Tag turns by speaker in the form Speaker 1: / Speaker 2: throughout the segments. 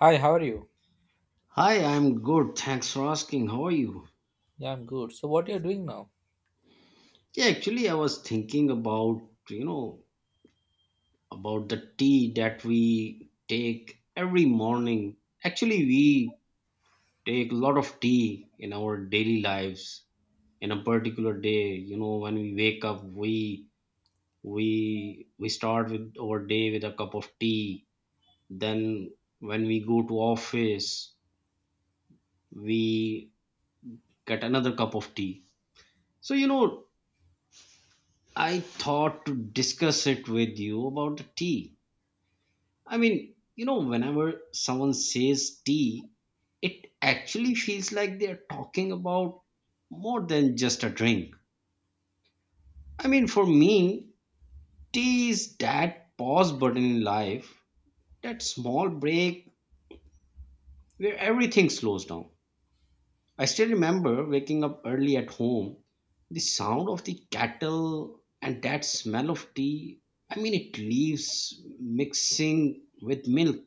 Speaker 1: Hi, how are you?
Speaker 2: Hi, I'm good. Thanks for asking. How are you?
Speaker 1: Yeah, I'm good. So, what you're doing now?
Speaker 2: Yeah, actually, I was thinking about, about the tea that we take every morning. Actually, we take a lot of tea in our daily lives in a particular day. You know, when we wake up, we start with our day with a cup of tea. Then when we go to office, we get another cup of tea. So, I thought to discuss it with you about the tea. I mean, whenever someone says tea, it actually feels like they're talking about more than just a drink. I mean, for me, tea is that pause button in life, that small break where everything slows down. I still remember waking up early at home. The sound of the kettle and that smell of tea, I mean, it leaves mixing with milk.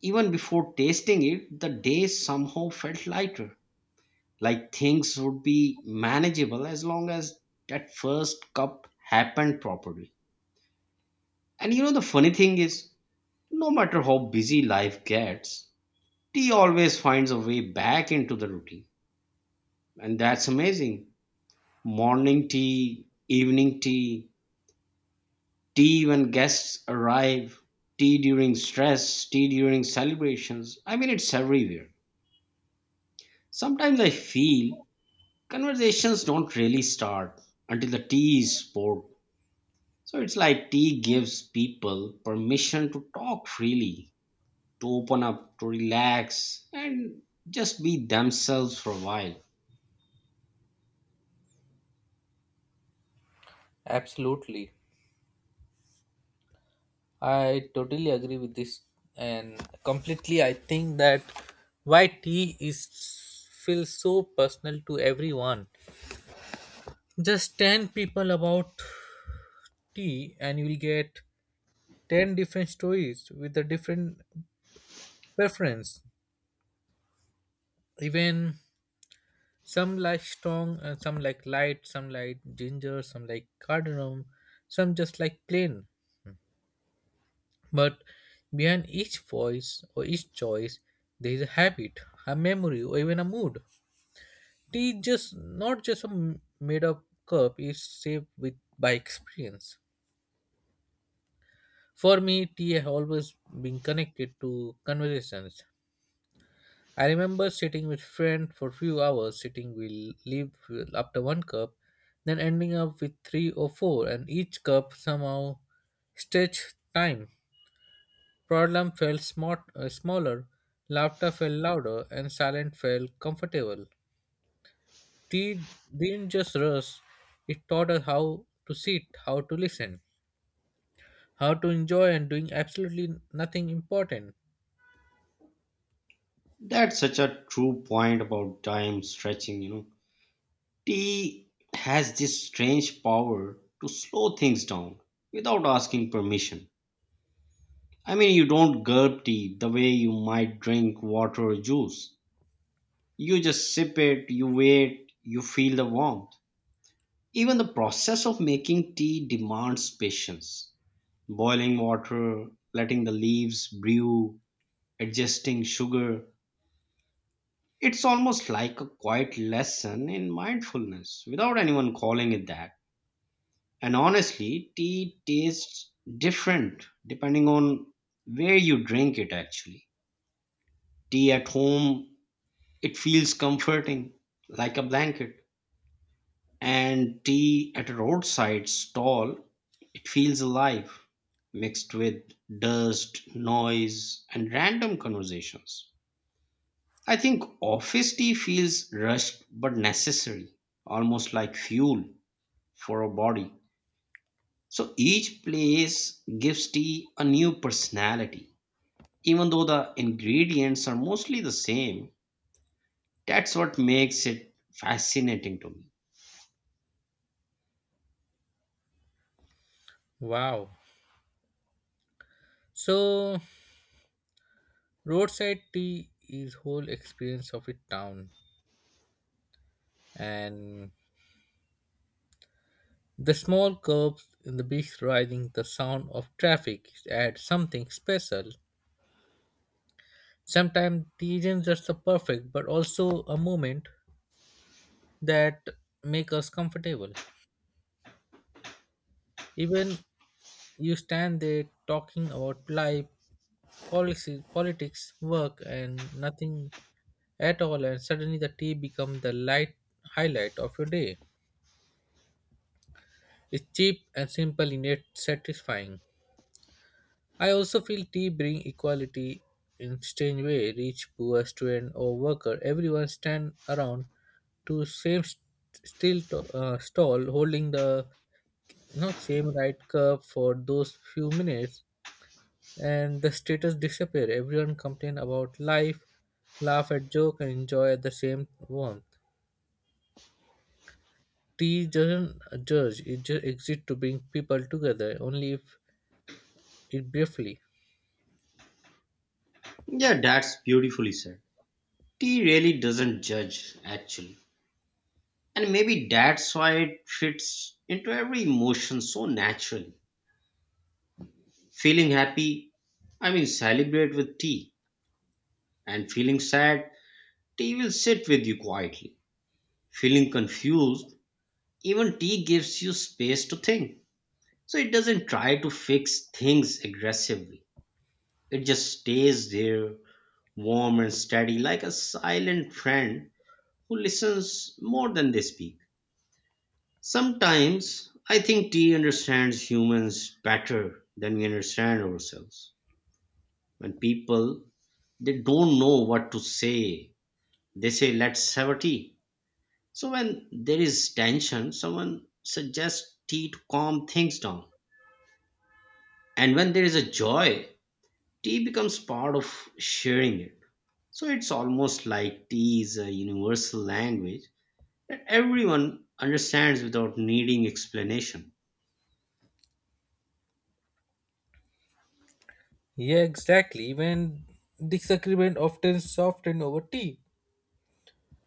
Speaker 2: Even before tasting it, the day somehow felt lighter, like things would be manageable as long as that first cup happened properly. And you know, the funny thing is, no matter how busy life gets, tea always finds a way back into the routine. And that's amazing. Morning tea, evening tea, tea when guests arrive, tea during stress, tea during celebrations. I mean, it's everywhere. Sometimes I feel conversations don't really start until the tea is poured. So it's like tea gives people permission to talk freely, to open up, to relax, and just be themselves for a while.
Speaker 1: Absolutely. I totally agree with this and completely I think that why tea is feels so personal to everyone. Just 10 people about tea and you will get 10 different stories with a different preference. Even some like strong and some like light, some like ginger, some like cardamom, some just like plain. But behind each voice or each choice, there is a habit, a memory, or even a mood. Tea is just not just a made-up cup; it's shaped with by experience. For me, tea has always been connected to conversations. I remember sitting with friend for few hours, sitting will leave after one cup, then ending up with three or four, and each cup somehow stretched time. Problem felt smaller, laughter felt louder, and silence felt comfortable. Tea didn't just rush, it taught us how to sit, how to listen, how to enjoy, and doing absolutely nothing important.
Speaker 2: That's such a true point about time stretching, you know. Tea has this strange power to slow things down without asking permission. I mean, you don't gulp tea the way you might drink water or juice. You just sip it, you wait, you feel the warmth. Even the process of making tea demands patience. Boiling water, letting the leaves brew, adjusting sugar. It's almost like a quiet lesson in mindfulness without anyone calling it that. And honestly, tea tastes different depending on where you drink it actually. Tea at home, it feels comforting, like a blanket. And tea at a roadside stall, it feels alive, mixed with dust, noise, and random conversations. I think office tea feels rushed but necessary, almost like fuel for a body. So each place gives tea a new personality, even though the ingredients are mostly the same. That's what makes it fascinating to me.
Speaker 1: Wow. So, roadside tea is whole experience of a town, and the small curbs in the beach rising, the sound of traffic add something special. Sometimes tea isn't just the perfect, but also a moment that make us comfortable. Even you stand there talking about life, policy, politics, work, and nothing at all, and suddenly the tea becomes the light highlight of your day. It's cheap and simple, yet satisfying. I also feel tea bring equality in strange way. Rich, poor, student, or worker, everyone stand around to same stall holding the same right cup for those few minutes, and the status disappear, everyone complain about life, laugh at joke and enjoy at the same warmth. Tea doesn't judge, it just exists to bring people together only if it briefly.
Speaker 2: Yeah, that's beautifully said. Tea really doesn't judge, actually. And maybe that's why it fits into every emotion so naturally. Feeling happy, I mean, celebrate with tea. And feeling sad, tea will sit with you quietly. Feeling confused, even tea gives you space to think. So it doesn't try to fix things aggressively. It just stays there, warm and steady, like a silent friend who listens more than they speak. Sometimes I think tea understands humans better than we understand ourselves. When people they don't know what to say, they say let's have a tea. So when there is tension, someone suggests tea to calm things down. And when there is a joy, tea becomes part of sharing it. So it's almost like tea is a universal language that everyone understands without needing explanation.
Speaker 1: Yeah, exactly, even disagreement often softened over tea.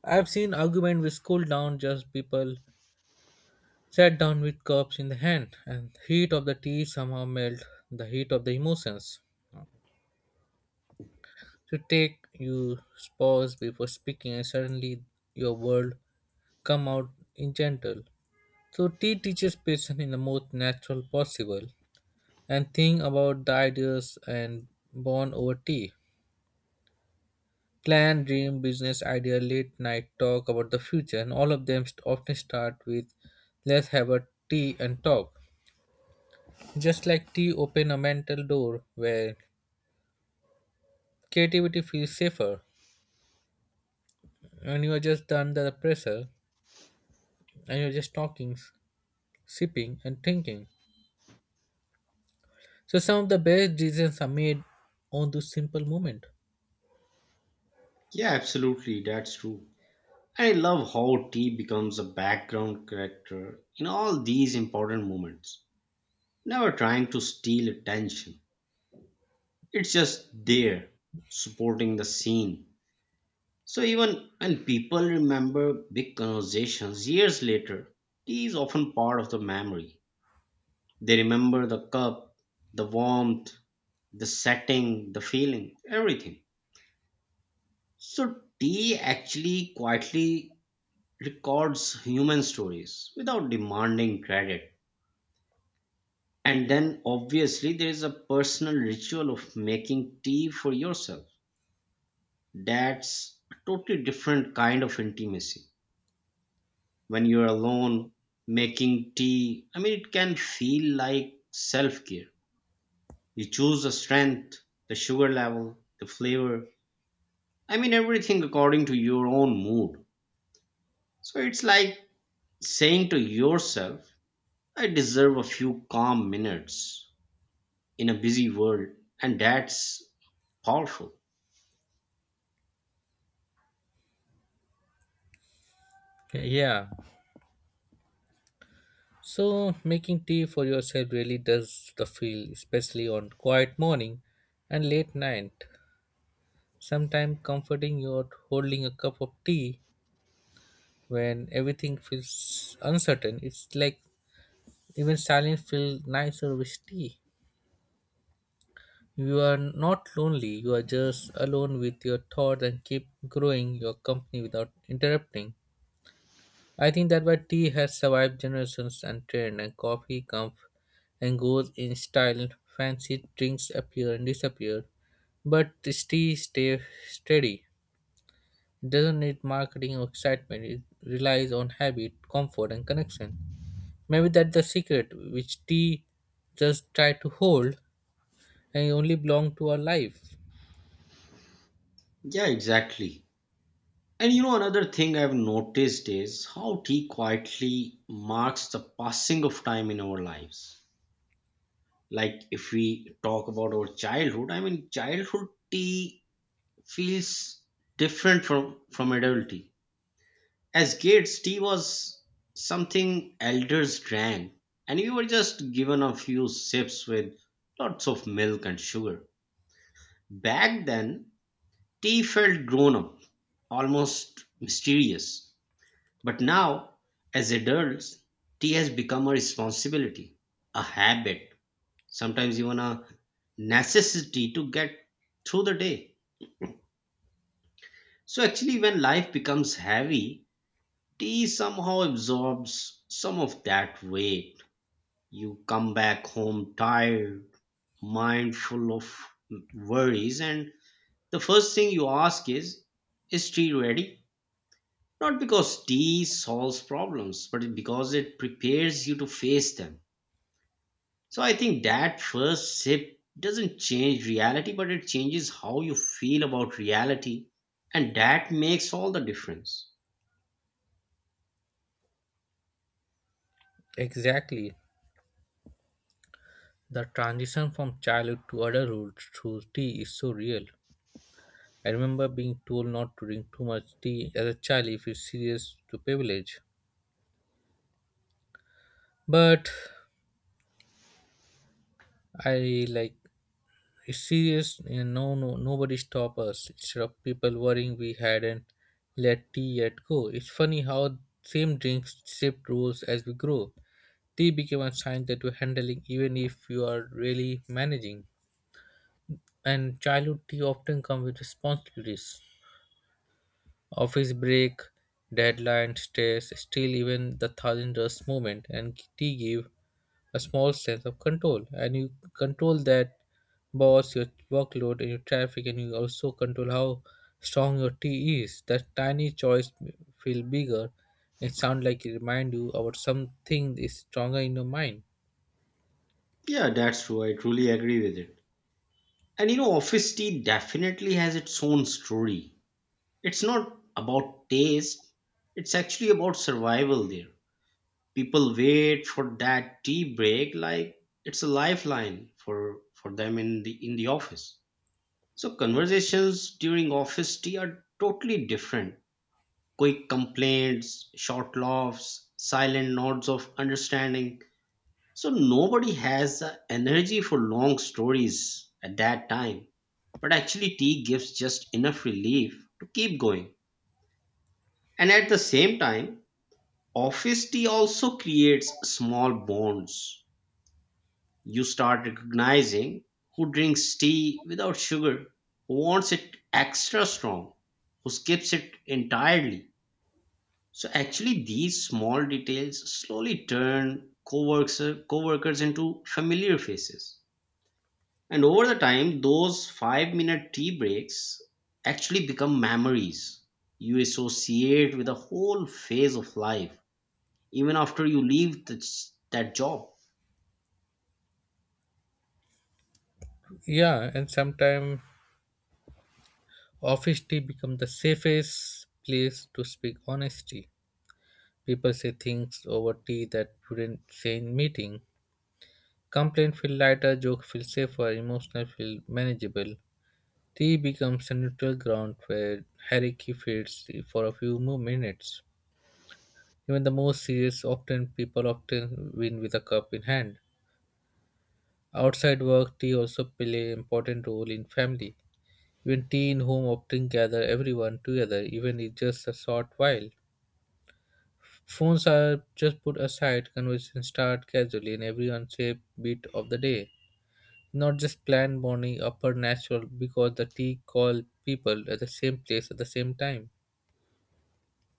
Speaker 1: I've seen argument with cool down, just people sat down with cups in the hand and heat of the tea somehow melt the heat of the emotions. To take you pause before speaking and suddenly your world come out in gentle. So tea teaches patience in the most natural possible and think about the ideas and bond over tea. Plan, dream, business idea, late night talk about the future and all of them often start with let's have a tea and talk. Just like tea open a mental door where creativity feels safer and you are just under the pressure and you're just talking, sipping, and thinking. So some of the best decisions are made on this simple moment.
Speaker 2: Yeah, absolutely, that's true. I love how tea becomes a background character in all these important moments, never trying to steal attention. It's just there, supporting the scene. So even when people remember big conversations years later, tea is often part of the memory. They remember the cup, the warmth, the setting, the feeling, everything. So tea actually quietly records human stories without demanding credit. And then obviously there is a personal ritual of making tea for yourself. That's a totally different kind of intimacy. When you're alone making tea, I mean, it can feel like self care. You choose the strength, the sugar level, the flavor, I mean, everything according to your own mood. So it's like saying to yourself, I deserve a few calm minutes in a busy world, and that's powerful.
Speaker 1: Yeah. So making tea for yourself really does the feel, especially on quiet morning and late night. Sometimes comforting you're holding a cup of tea when everything feels uncertain. It's like even silence feels nicer with tea. You are not lonely, you are just alone with your thoughts and keep growing your company without interrupting. I think that why tea has survived generations and trend, and coffee comes and goes in style. Fancy drinks appear and disappear, but this tea stays steady. Doesn't need marketing or excitement. It relies on habit, comfort, and connection. Maybe that's the secret which tea just try to hold and it only belong to our life.
Speaker 2: Yeah, exactly. And you know, another thing I've noticed is how tea quietly marks the passing of time in our lives. Like, if we talk about our childhood, I mean, childhood tea feels different from adult tea, as kids tea was something elders drank and we were just given a few sips with lots of milk and sugar. Back then tea felt grown up, almost mysterious, but now, as adults, tea has become a responsibility, a habit, sometimes even a necessity to get through the day. So actually when life becomes heavy, tea somehow absorbs some of that weight. You come back home tired, mind full of worries, and the first thing you ask is, "Is tea ready?" Not because tea solves problems, but because it prepares you to face them. So I think that first sip doesn't change reality, but it changes how you feel about reality, and that makes all the difference.
Speaker 1: Exactly. The transition from childhood to adulthood through tea is so real. I remember being told not to drink too much tea as a child if it's serious to privilege. But I like, it's serious and no no nobody stop us. Instead of people worrying we hadn't let tea yet go. It's funny how same drinks shift roles as we grow. Tea became a sign that we're handling even if you are really managing. And childhood tea often comes with responsibilities. Office break, deadline, stress, still even the thousand dust movement and tea give a small sense of control. And you control that boss, your workload and your traffic and you also control how strong your tea is. That tiny choice feel bigger and sound like it remind you about something is stronger in your mind.
Speaker 2: Yeah, that's true. I truly agree with it. And you know, office tea definitely has its own story. It's not about taste, it's actually about survival there. People wait for that tea break like it's a lifeline for them in the office so conversations during office tea are totally different: quick complaints, short laughs, silent nods of understanding. So nobody has the energy for long stories at that time, but actually tea gives just enough relief to keep going. And at the same time, office tea also creates small bonds. You start recognizing who drinks tea without sugar, who wants it extra strong, who skips it entirely. So actually these small details slowly turn co-workers into familiar faces. And over the time, those 5-minute tea breaks actually become memories you associate with a whole phase of life, even after you leave this, that job.
Speaker 1: Yeah, and sometimes office tea become the safest place to speak honesty. People say things over tea that wouldn't say in meeting. Complaints feel lighter, jokes feel safer, emotional feel manageable. Tea becomes a neutral ground where hierarchy fades for a few more minutes. Even the most serious often people often win with a cup in hand. Outside work, tea also play an important role in family. Even tea in home often gather everyone together, even if just a short while. Phones are just put aside, conversations start casually in every unsafe bit of the day. Not just planned morning, upper natural, because the tea call people at the same place at the same time.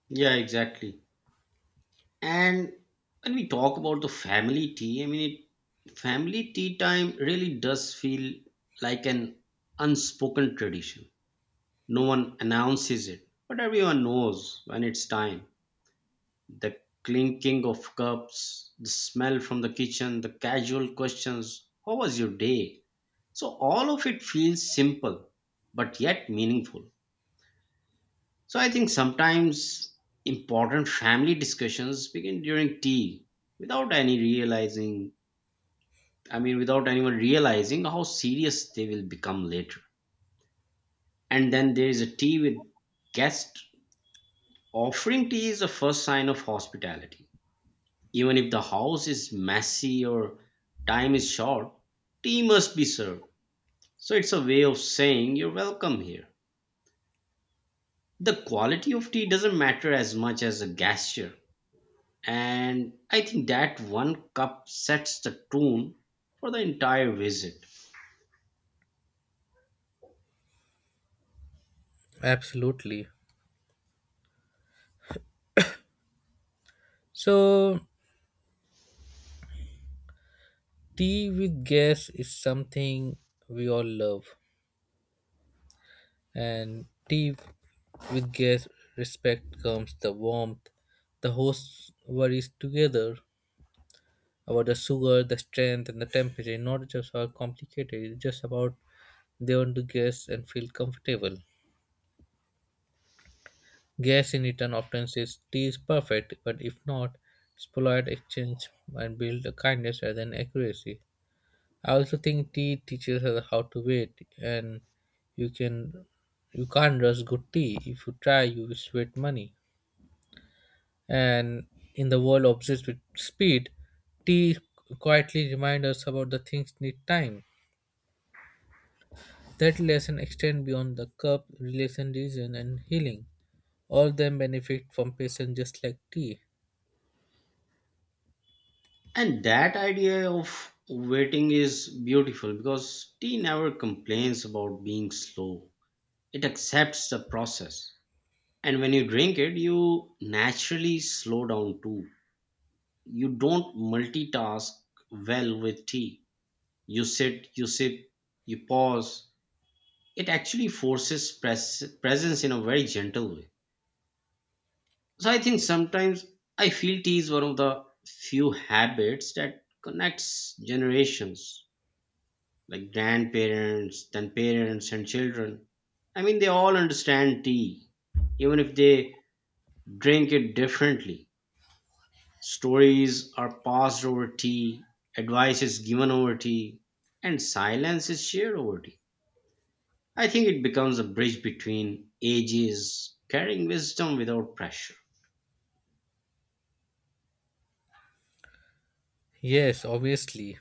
Speaker 2: Yeah, exactly. And when we talk about the family tea, I mean, it, family tea time really does feel like an unspoken tradition. No one announces it, but everyone knows when it's time. The clinking of cups, the smell from the kitchen, the casual questions, how was your day? So all of it feels simple, but yet meaningful. So I think sometimes important family discussions begin during tea without any realizing, I mean, without anyone realizing how serious they will become later. And then there is a tea with guests. Offering tea is the first sign of hospitality. Even if the house is messy or time is short, tea must be served. So it's a way of saying you're welcome here. The quality of tea doesn't matter as much as the gesture. And I think that one cup sets the tone for the entire visit.
Speaker 1: Absolutely. So, tea with guests is something we all love, and tea with guests respect comes the warmth. The hosts worries together, about the sugar, the strength, and the temperature. Not just how complicated, it's just about they want to guess and feel comfortable. Guess in return often says tea is perfect, but if not, it's polite exchange and build a kindness rather than accuracy. I also think tea teaches us how to wait, and you can you can't rush good tea. If you try, you will sweat money. And in the world obsessed with speed, tea quietly reminds us about the things need time. That lesson extend beyond the cup, relation, reason, and healing. All them benefit from patience just like tea.
Speaker 2: And that idea of waiting is beautiful because tea never complains about being slow. It accepts the process. And when you drink it, you naturally slow down too. You don't multitask well with tea. You sit, you sip, you pause. It actually forces presence in a very gentle way. So I think sometimes I feel tea is one of the few habits that connects generations, like grandparents, then parents and children. I mean, they all understand tea, even if they drink it differently. Stories are passed over tea, advice is given over tea, and silence is shared over tea. I think it becomes a bridge between ages, carrying wisdom without pressure.
Speaker 1: Yes, obviously.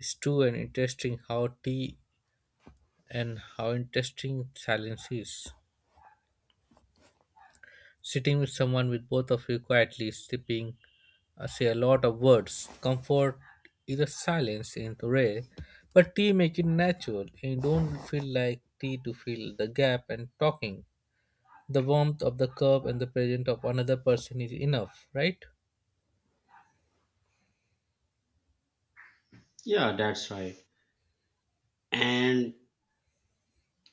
Speaker 1: It's true and interesting how tea, and how interesting silence is. Sitting with someone with both of you quietly sipping, say a lot of words. Comfort is a silence in the rare, but tea make it natural. You don't feel like tea to fill the gap and talking. The warmth of the cup and the presence of another person is enough, right?
Speaker 2: Yeah, that's right. And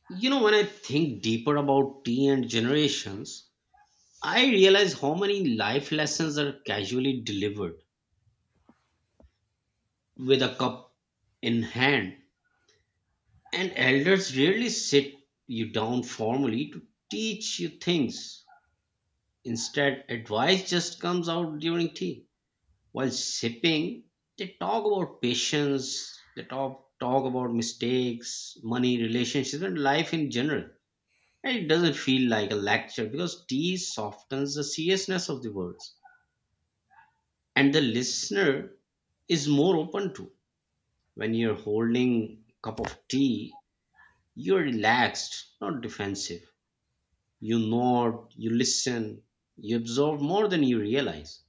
Speaker 2: you know, when I think deeper about tea and generations, I realize how many life lessons are casually delivered with a cup in hand. And elders rarely sit you down formally to teach you things. Instead, advice just comes out during tea. While sipping, they talk about patience, they talk about mistakes, money, relationships, and life in general. And it doesn't feel like a lecture because tea softens the seriousness of the words. And the listener is more open to. When you're holding a cup of tea, you're relaxed, not defensive. You nod, you listen, you absorb more than you realize.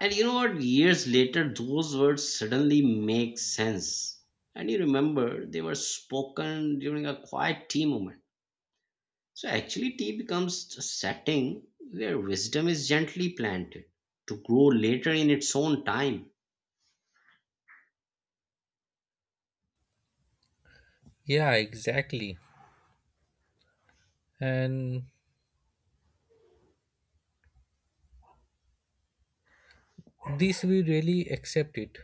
Speaker 2: And you know what? Years later, those words suddenly make sense. And you remember they were spoken during a quiet tea moment. So actually, tea becomes a setting where wisdom is gently planted to grow later in its own time.
Speaker 1: Yeah, exactly, and this we really accept it.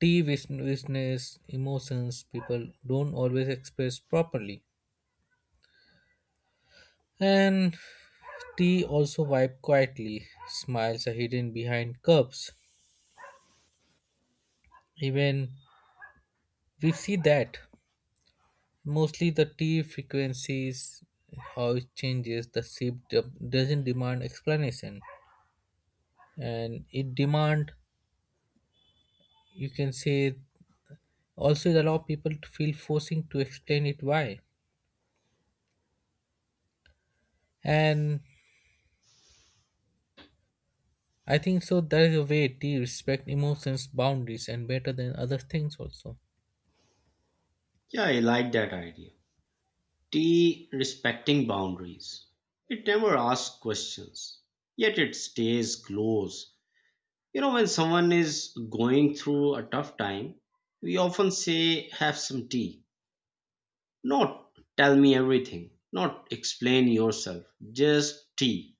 Speaker 1: Tea witness emotions people don't always express properly, and tea also vibe quietly, smiles are hidden behind cups. Even we see that mostly the tea frequencies, how it changes the shape doesn't demand explanation, and it demand, you can say, also it allow people to feel forcing to explain it why. And I think so there is a way to respect emotions boundaries and better than other things also.
Speaker 2: Yeah, I like that idea. Tea respecting boundaries. It never asks questions, yet it stays close. You know, when someone is going through a tough time, we often say, have some tea. Not tell me everything, not explain yourself, just tea.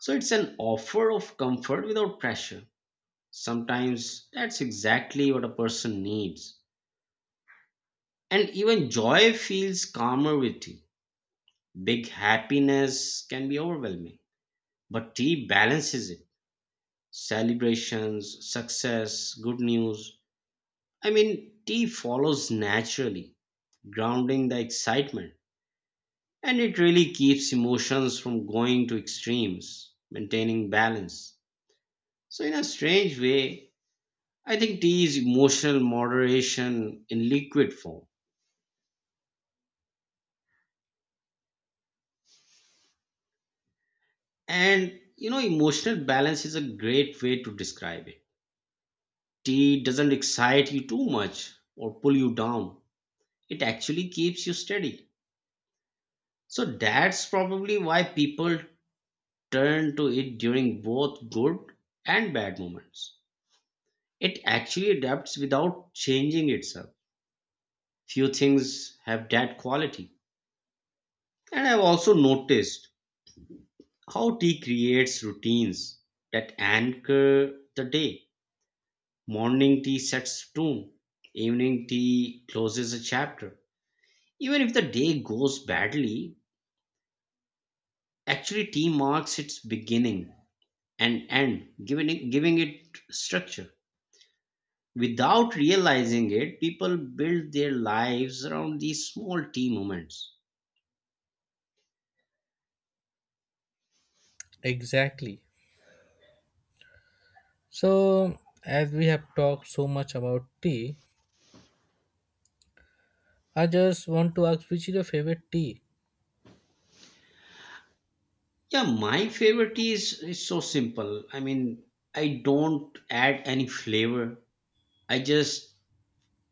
Speaker 2: So it's an offer of comfort without pressure. Sometimes that's exactly what a person needs. And even joy feels calmer with tea. Big happiness can be overwhelming, but tea balances it. Celebrations, success, good news. I mean, tea follows naturally, grounding the excitement. And it really keeps emotions from going to extremes, maintaining balance. So, in a strange way, I think tea is emotional moderation in liquid form. And you know, emotional balance is a great way to describe it. Tea doesn't excite you too much or pull you down, it actually keeps you steady. So that's probably why people turn to it during both good and bad moments. It actually adapts without changing itself. Few things have that quality. And I've also noticed how tea creates routines that anchor the day. Morning tea sets the tone. Evening tea closes a chapter. Even if the day goes badly, actually tea marks its beginning and end, giving it structure. Without realizing it, people build their lives around these small tea moments.
Speaker 1: Exactly. So as we have talked so much about tea, I just want to ask, which is your favorite tea?
Speaker 2: Yeah, my favorite tea is so simple. I mean, I don't add any flavor. I just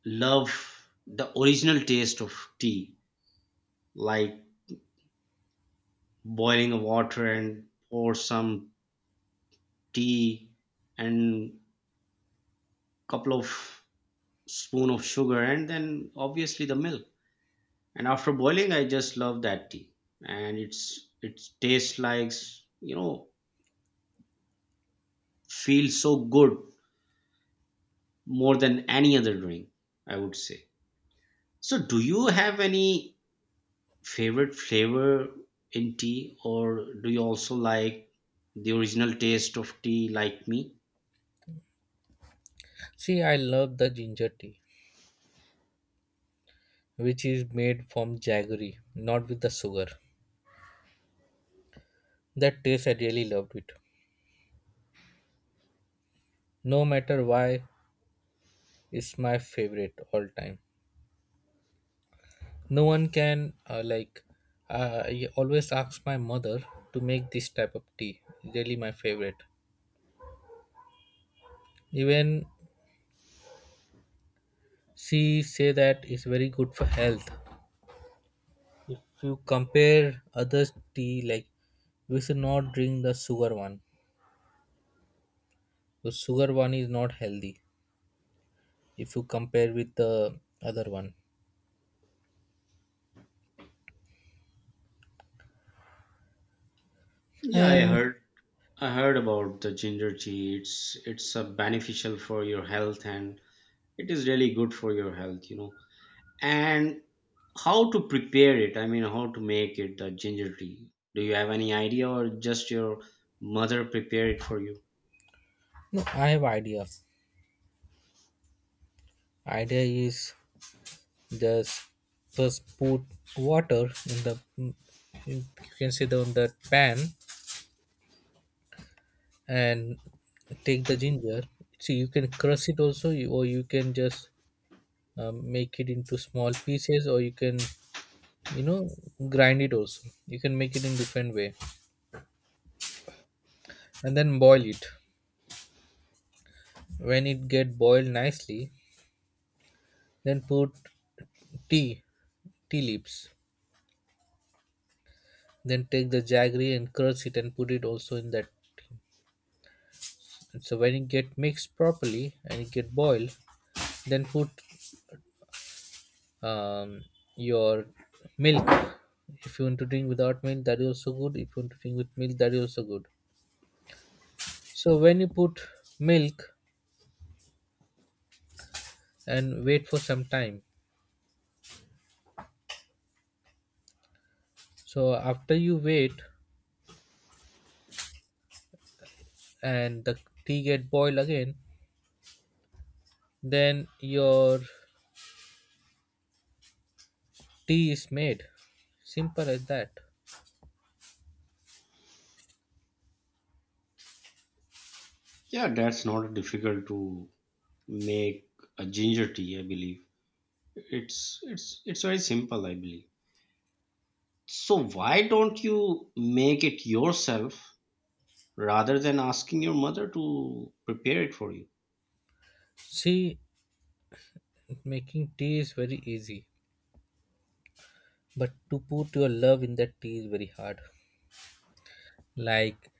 Speaker 2: love the original taste of tea, like boiling water and pour some tea and couple of spoon of sugar and then obviously the milk, and after boiling I just love that tea. And it tastes like, you know feels so good, more than any other drink, I would say. So do you have any favorite flavor in tea, or do you also like the original taste of tea like me?
Speaker 1: See, I love the ginger tea, which is made from jaggery, not with the sugar. That taste I really loved it, no matter why. It's my favorite all time. No one can like, I always ask my mother to make this type of tea. Really my favorite. Even she say that it's very good for health if you compare other tea. Like, we should not drink the sugar one, the sugar one is not healthy if you compare with the other one.
Speaker 2: Yeah, I
Speaker 1: And
Speaker 2: heard. I heard about the ginger tea. It's a beneficial for your health, and it is really good for your health, And how to prepare it? I mean, how to make it the ginger tea? Do you have any idea, or just your mother prepare it for you?
Speaker 1: no, I have idea. idea is, just just put water you can see the on the pan, and take the ginger. So you can crush it also, or you can just make it into small pieces, or you can, you know, grind it also. You can make it in different way, and then boil it. When it get boiled nicely, then put tea, tea leaves. Then take the jaggery and crush it and put it also in that. So when it get mixed properly and it get boiled, then put um, your milk. If you want to drink without milk that is also good, if you want to drink with milk that is also good. So when you put milk and wait for some time, so after you wait and the tea get boiled again, then your tea is made, simple as that.
Speaker 2: Yeah, that's not difficult to make a ginger tea, I believe. It's very simple, I believe. So why don't you make it yourself rather than asking your mother to prepare it for you?
Speaker 1: See, making tea is very easy, but to put your love in that tea is very hard. Like,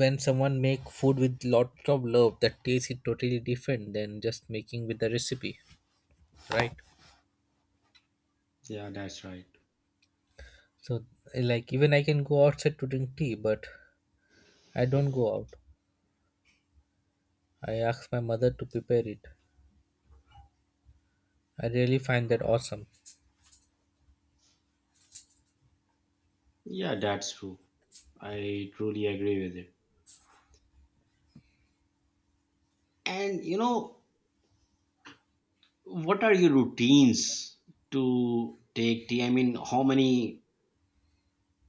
Speaker 1: when someone make food with lot of love, that taste is totally different than just making with the recipe, right?
Speaker 2: Yeah, that's right.
Speaker 1: So, like, even I can go outside to drink tea, but I don't go out, I ask my mother to prepare it. I really find that awesome.
Speaker 2: Yeah, that's true. I truly agree with it. And, what are your routines to take tea? I mean, how many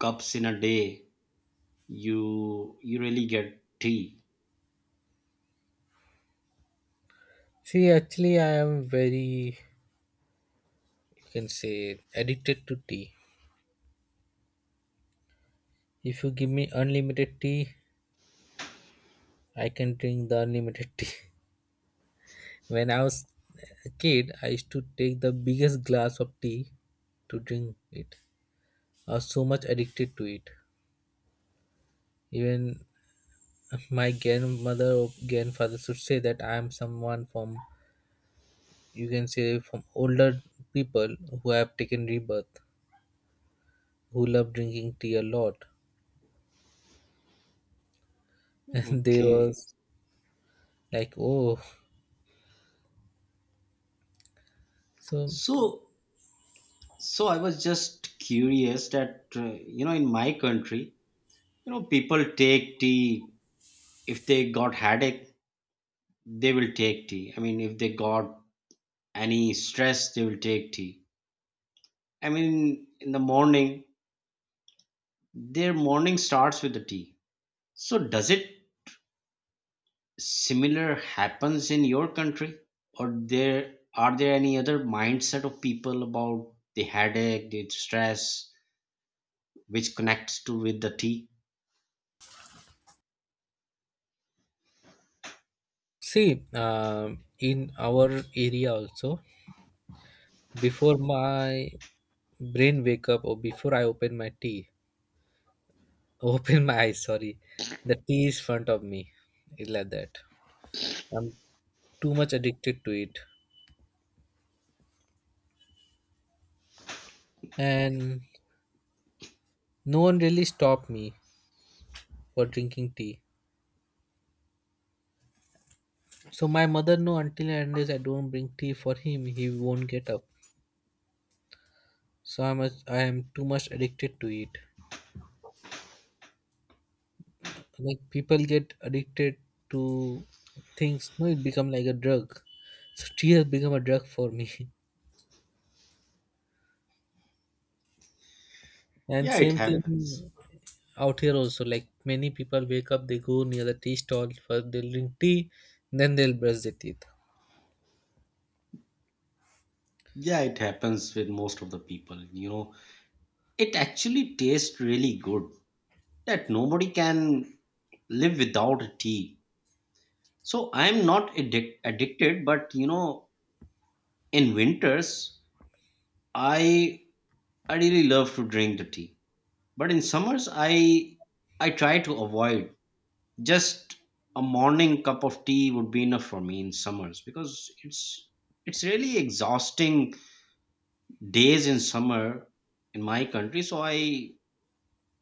Speaker 2: cups in a day you really get tea?
Speaker 1: See, actually I am very, you can say, addicted to tea. If you give me unlimited tea, I can drink the unlimited tea. When I was a kid, I used to take the biggest glass of tea to drink it, are so much addicted to it. Even my grandmother or grandfather should say that I am someone from, you can say, from older people who have taken rebirth, who love drinking tea a lot. And they
Speaker 2: Okay.
Speaker 1: was like, oh, so
Speaker 2: So so I was just curious that, in my country, people take tea. If they got headache, they will take tea. I mean, if they got any stress, they will take tea. I mean, in the morning, their morning starts with the tea. So does it similar happens in your country, or there are there any other mindset of people about the headache, the stress, which connects to with the tea?
Speaker 1: see, in our area also, before my brain wake up, or before I open my tea, open my eyes, sorry, the tea is front of me. It's like that. I'm too much addicted to it. And no one really stopped me for drinking tea. So my mother know, until and unless I don't bring tea for him, he won't get up. So I am too much addicted to it. Like people get addicted to things, no, it become like a drug. So tea has become a drug for me. And
Speaker 2: Yeah, it
Speaker 1: same
Speaker 2: happens.
Speaker 1: thing out here also. Like many people wake up, they go near the tea stall for they'll drink tea, then they'll brush their teeth.
Speaker 2: Yeah, it happens with most of the people. It actually tastes really good. That nobody can live without a tea. So I'm not addicted, but, in winters I I really love to drink the tea, but in summers I try to avoid. Just a morning cup of tea would be enough for me in summers, because it's really exhausting days in summer in my country. So I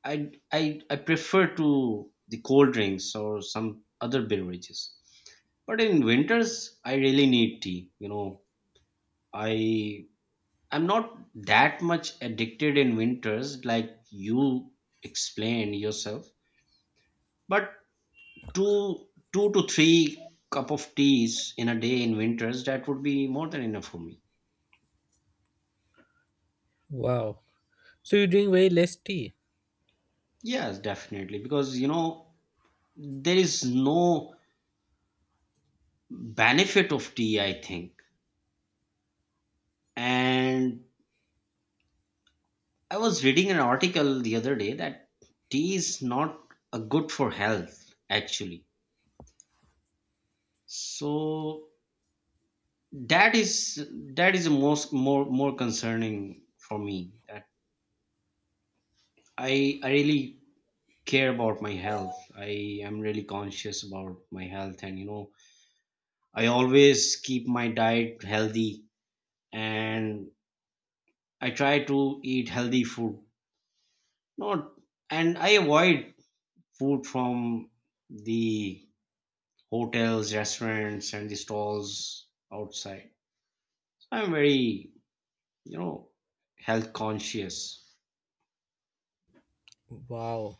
Speaker 2: I I, I prefer to the cold drinks or some other beverages. But in winters I really need tea. I I'm not that much addicted in winters like you explained yourself, but two two to three cup of teas in a day in winters, that would be more than enough for me.
Speaker 1: Wow. So you drink very less tea.
Speaker 2: Yes, definitely, because there is no benefit of tea, I think. And I was reading an article the other day that tea is not a good for health actually. So that is that is the most more more concerning for me, that I really care about my health. I am really conscious about my health, and I always keep my diet healthy, and I try to eat healthy food. Not, and I avoid food from the hotels, restaurants and the stalls outside. So I'm very, you know health conscious.
Speaker 1: Wow,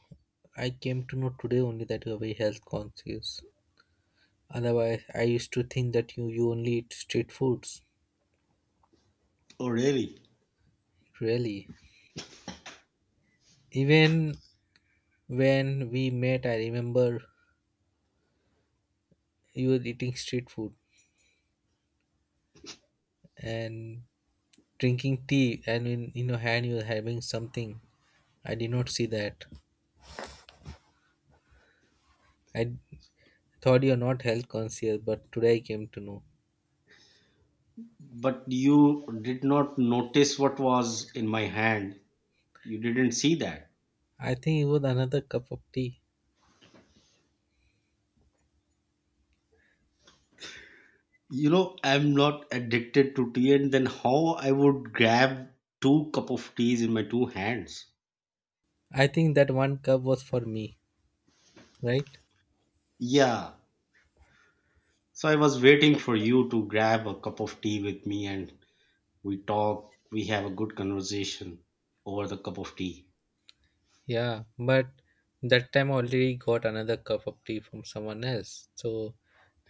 Speaker 1: I came to know today only that you are very health conscious. Otherwise, I used to think that you only eat street foods.
Speaker 2: Oh, really?
Speaker 1: Really. Even when we met, I remember you were eating street food and drinking tea, and in your hand, you were having something. I did not see that. I thought you are not health conscious, but today I came to know.
Speaker 2: But you did not notice what was in my hand. You didn't see that.
Speaker 1: I think it was another cup of tea.
Speaker 2: You know, I'm not addicted to tea, and then how I would grab two cup of teas in my two hands?
Speaker 1: I think that one cup was for me, right?
Speaker 2: Yeah. So I was waiting for you to grab a cup of tea with me, and we talk, we have a good conversation over the cup of tea.
Speaker 1: Yeah, but that time I already got another cup of tea from someone else. So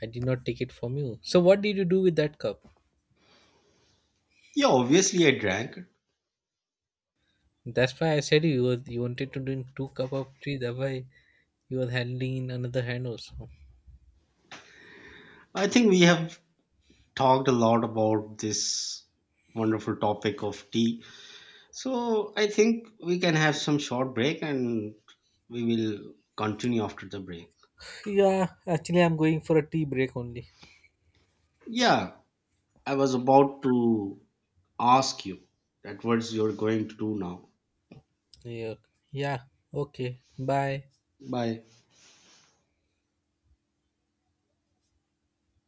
Speaker 1: I did not take it from you. So what did you do with that cup?
Speaker 2: Yeah, obviously I drank it.
Speaker 1: That's why I said you wanted to drink two cup of tea. That's why you were handling in another hand also.
Speaker 2: I think we have talked a lot about this wonderful topic of tea. So I think we can have some short break, and we will continue after the break.
Speaker 1: Yeah, actually, I'm going for a tea break only.
Speaker 2: Yeah, I was about to ask you that what's you're going to do now.
Speaker 1: Yeah. Yeah. Okay. Bye.
Speaker 2: Bye.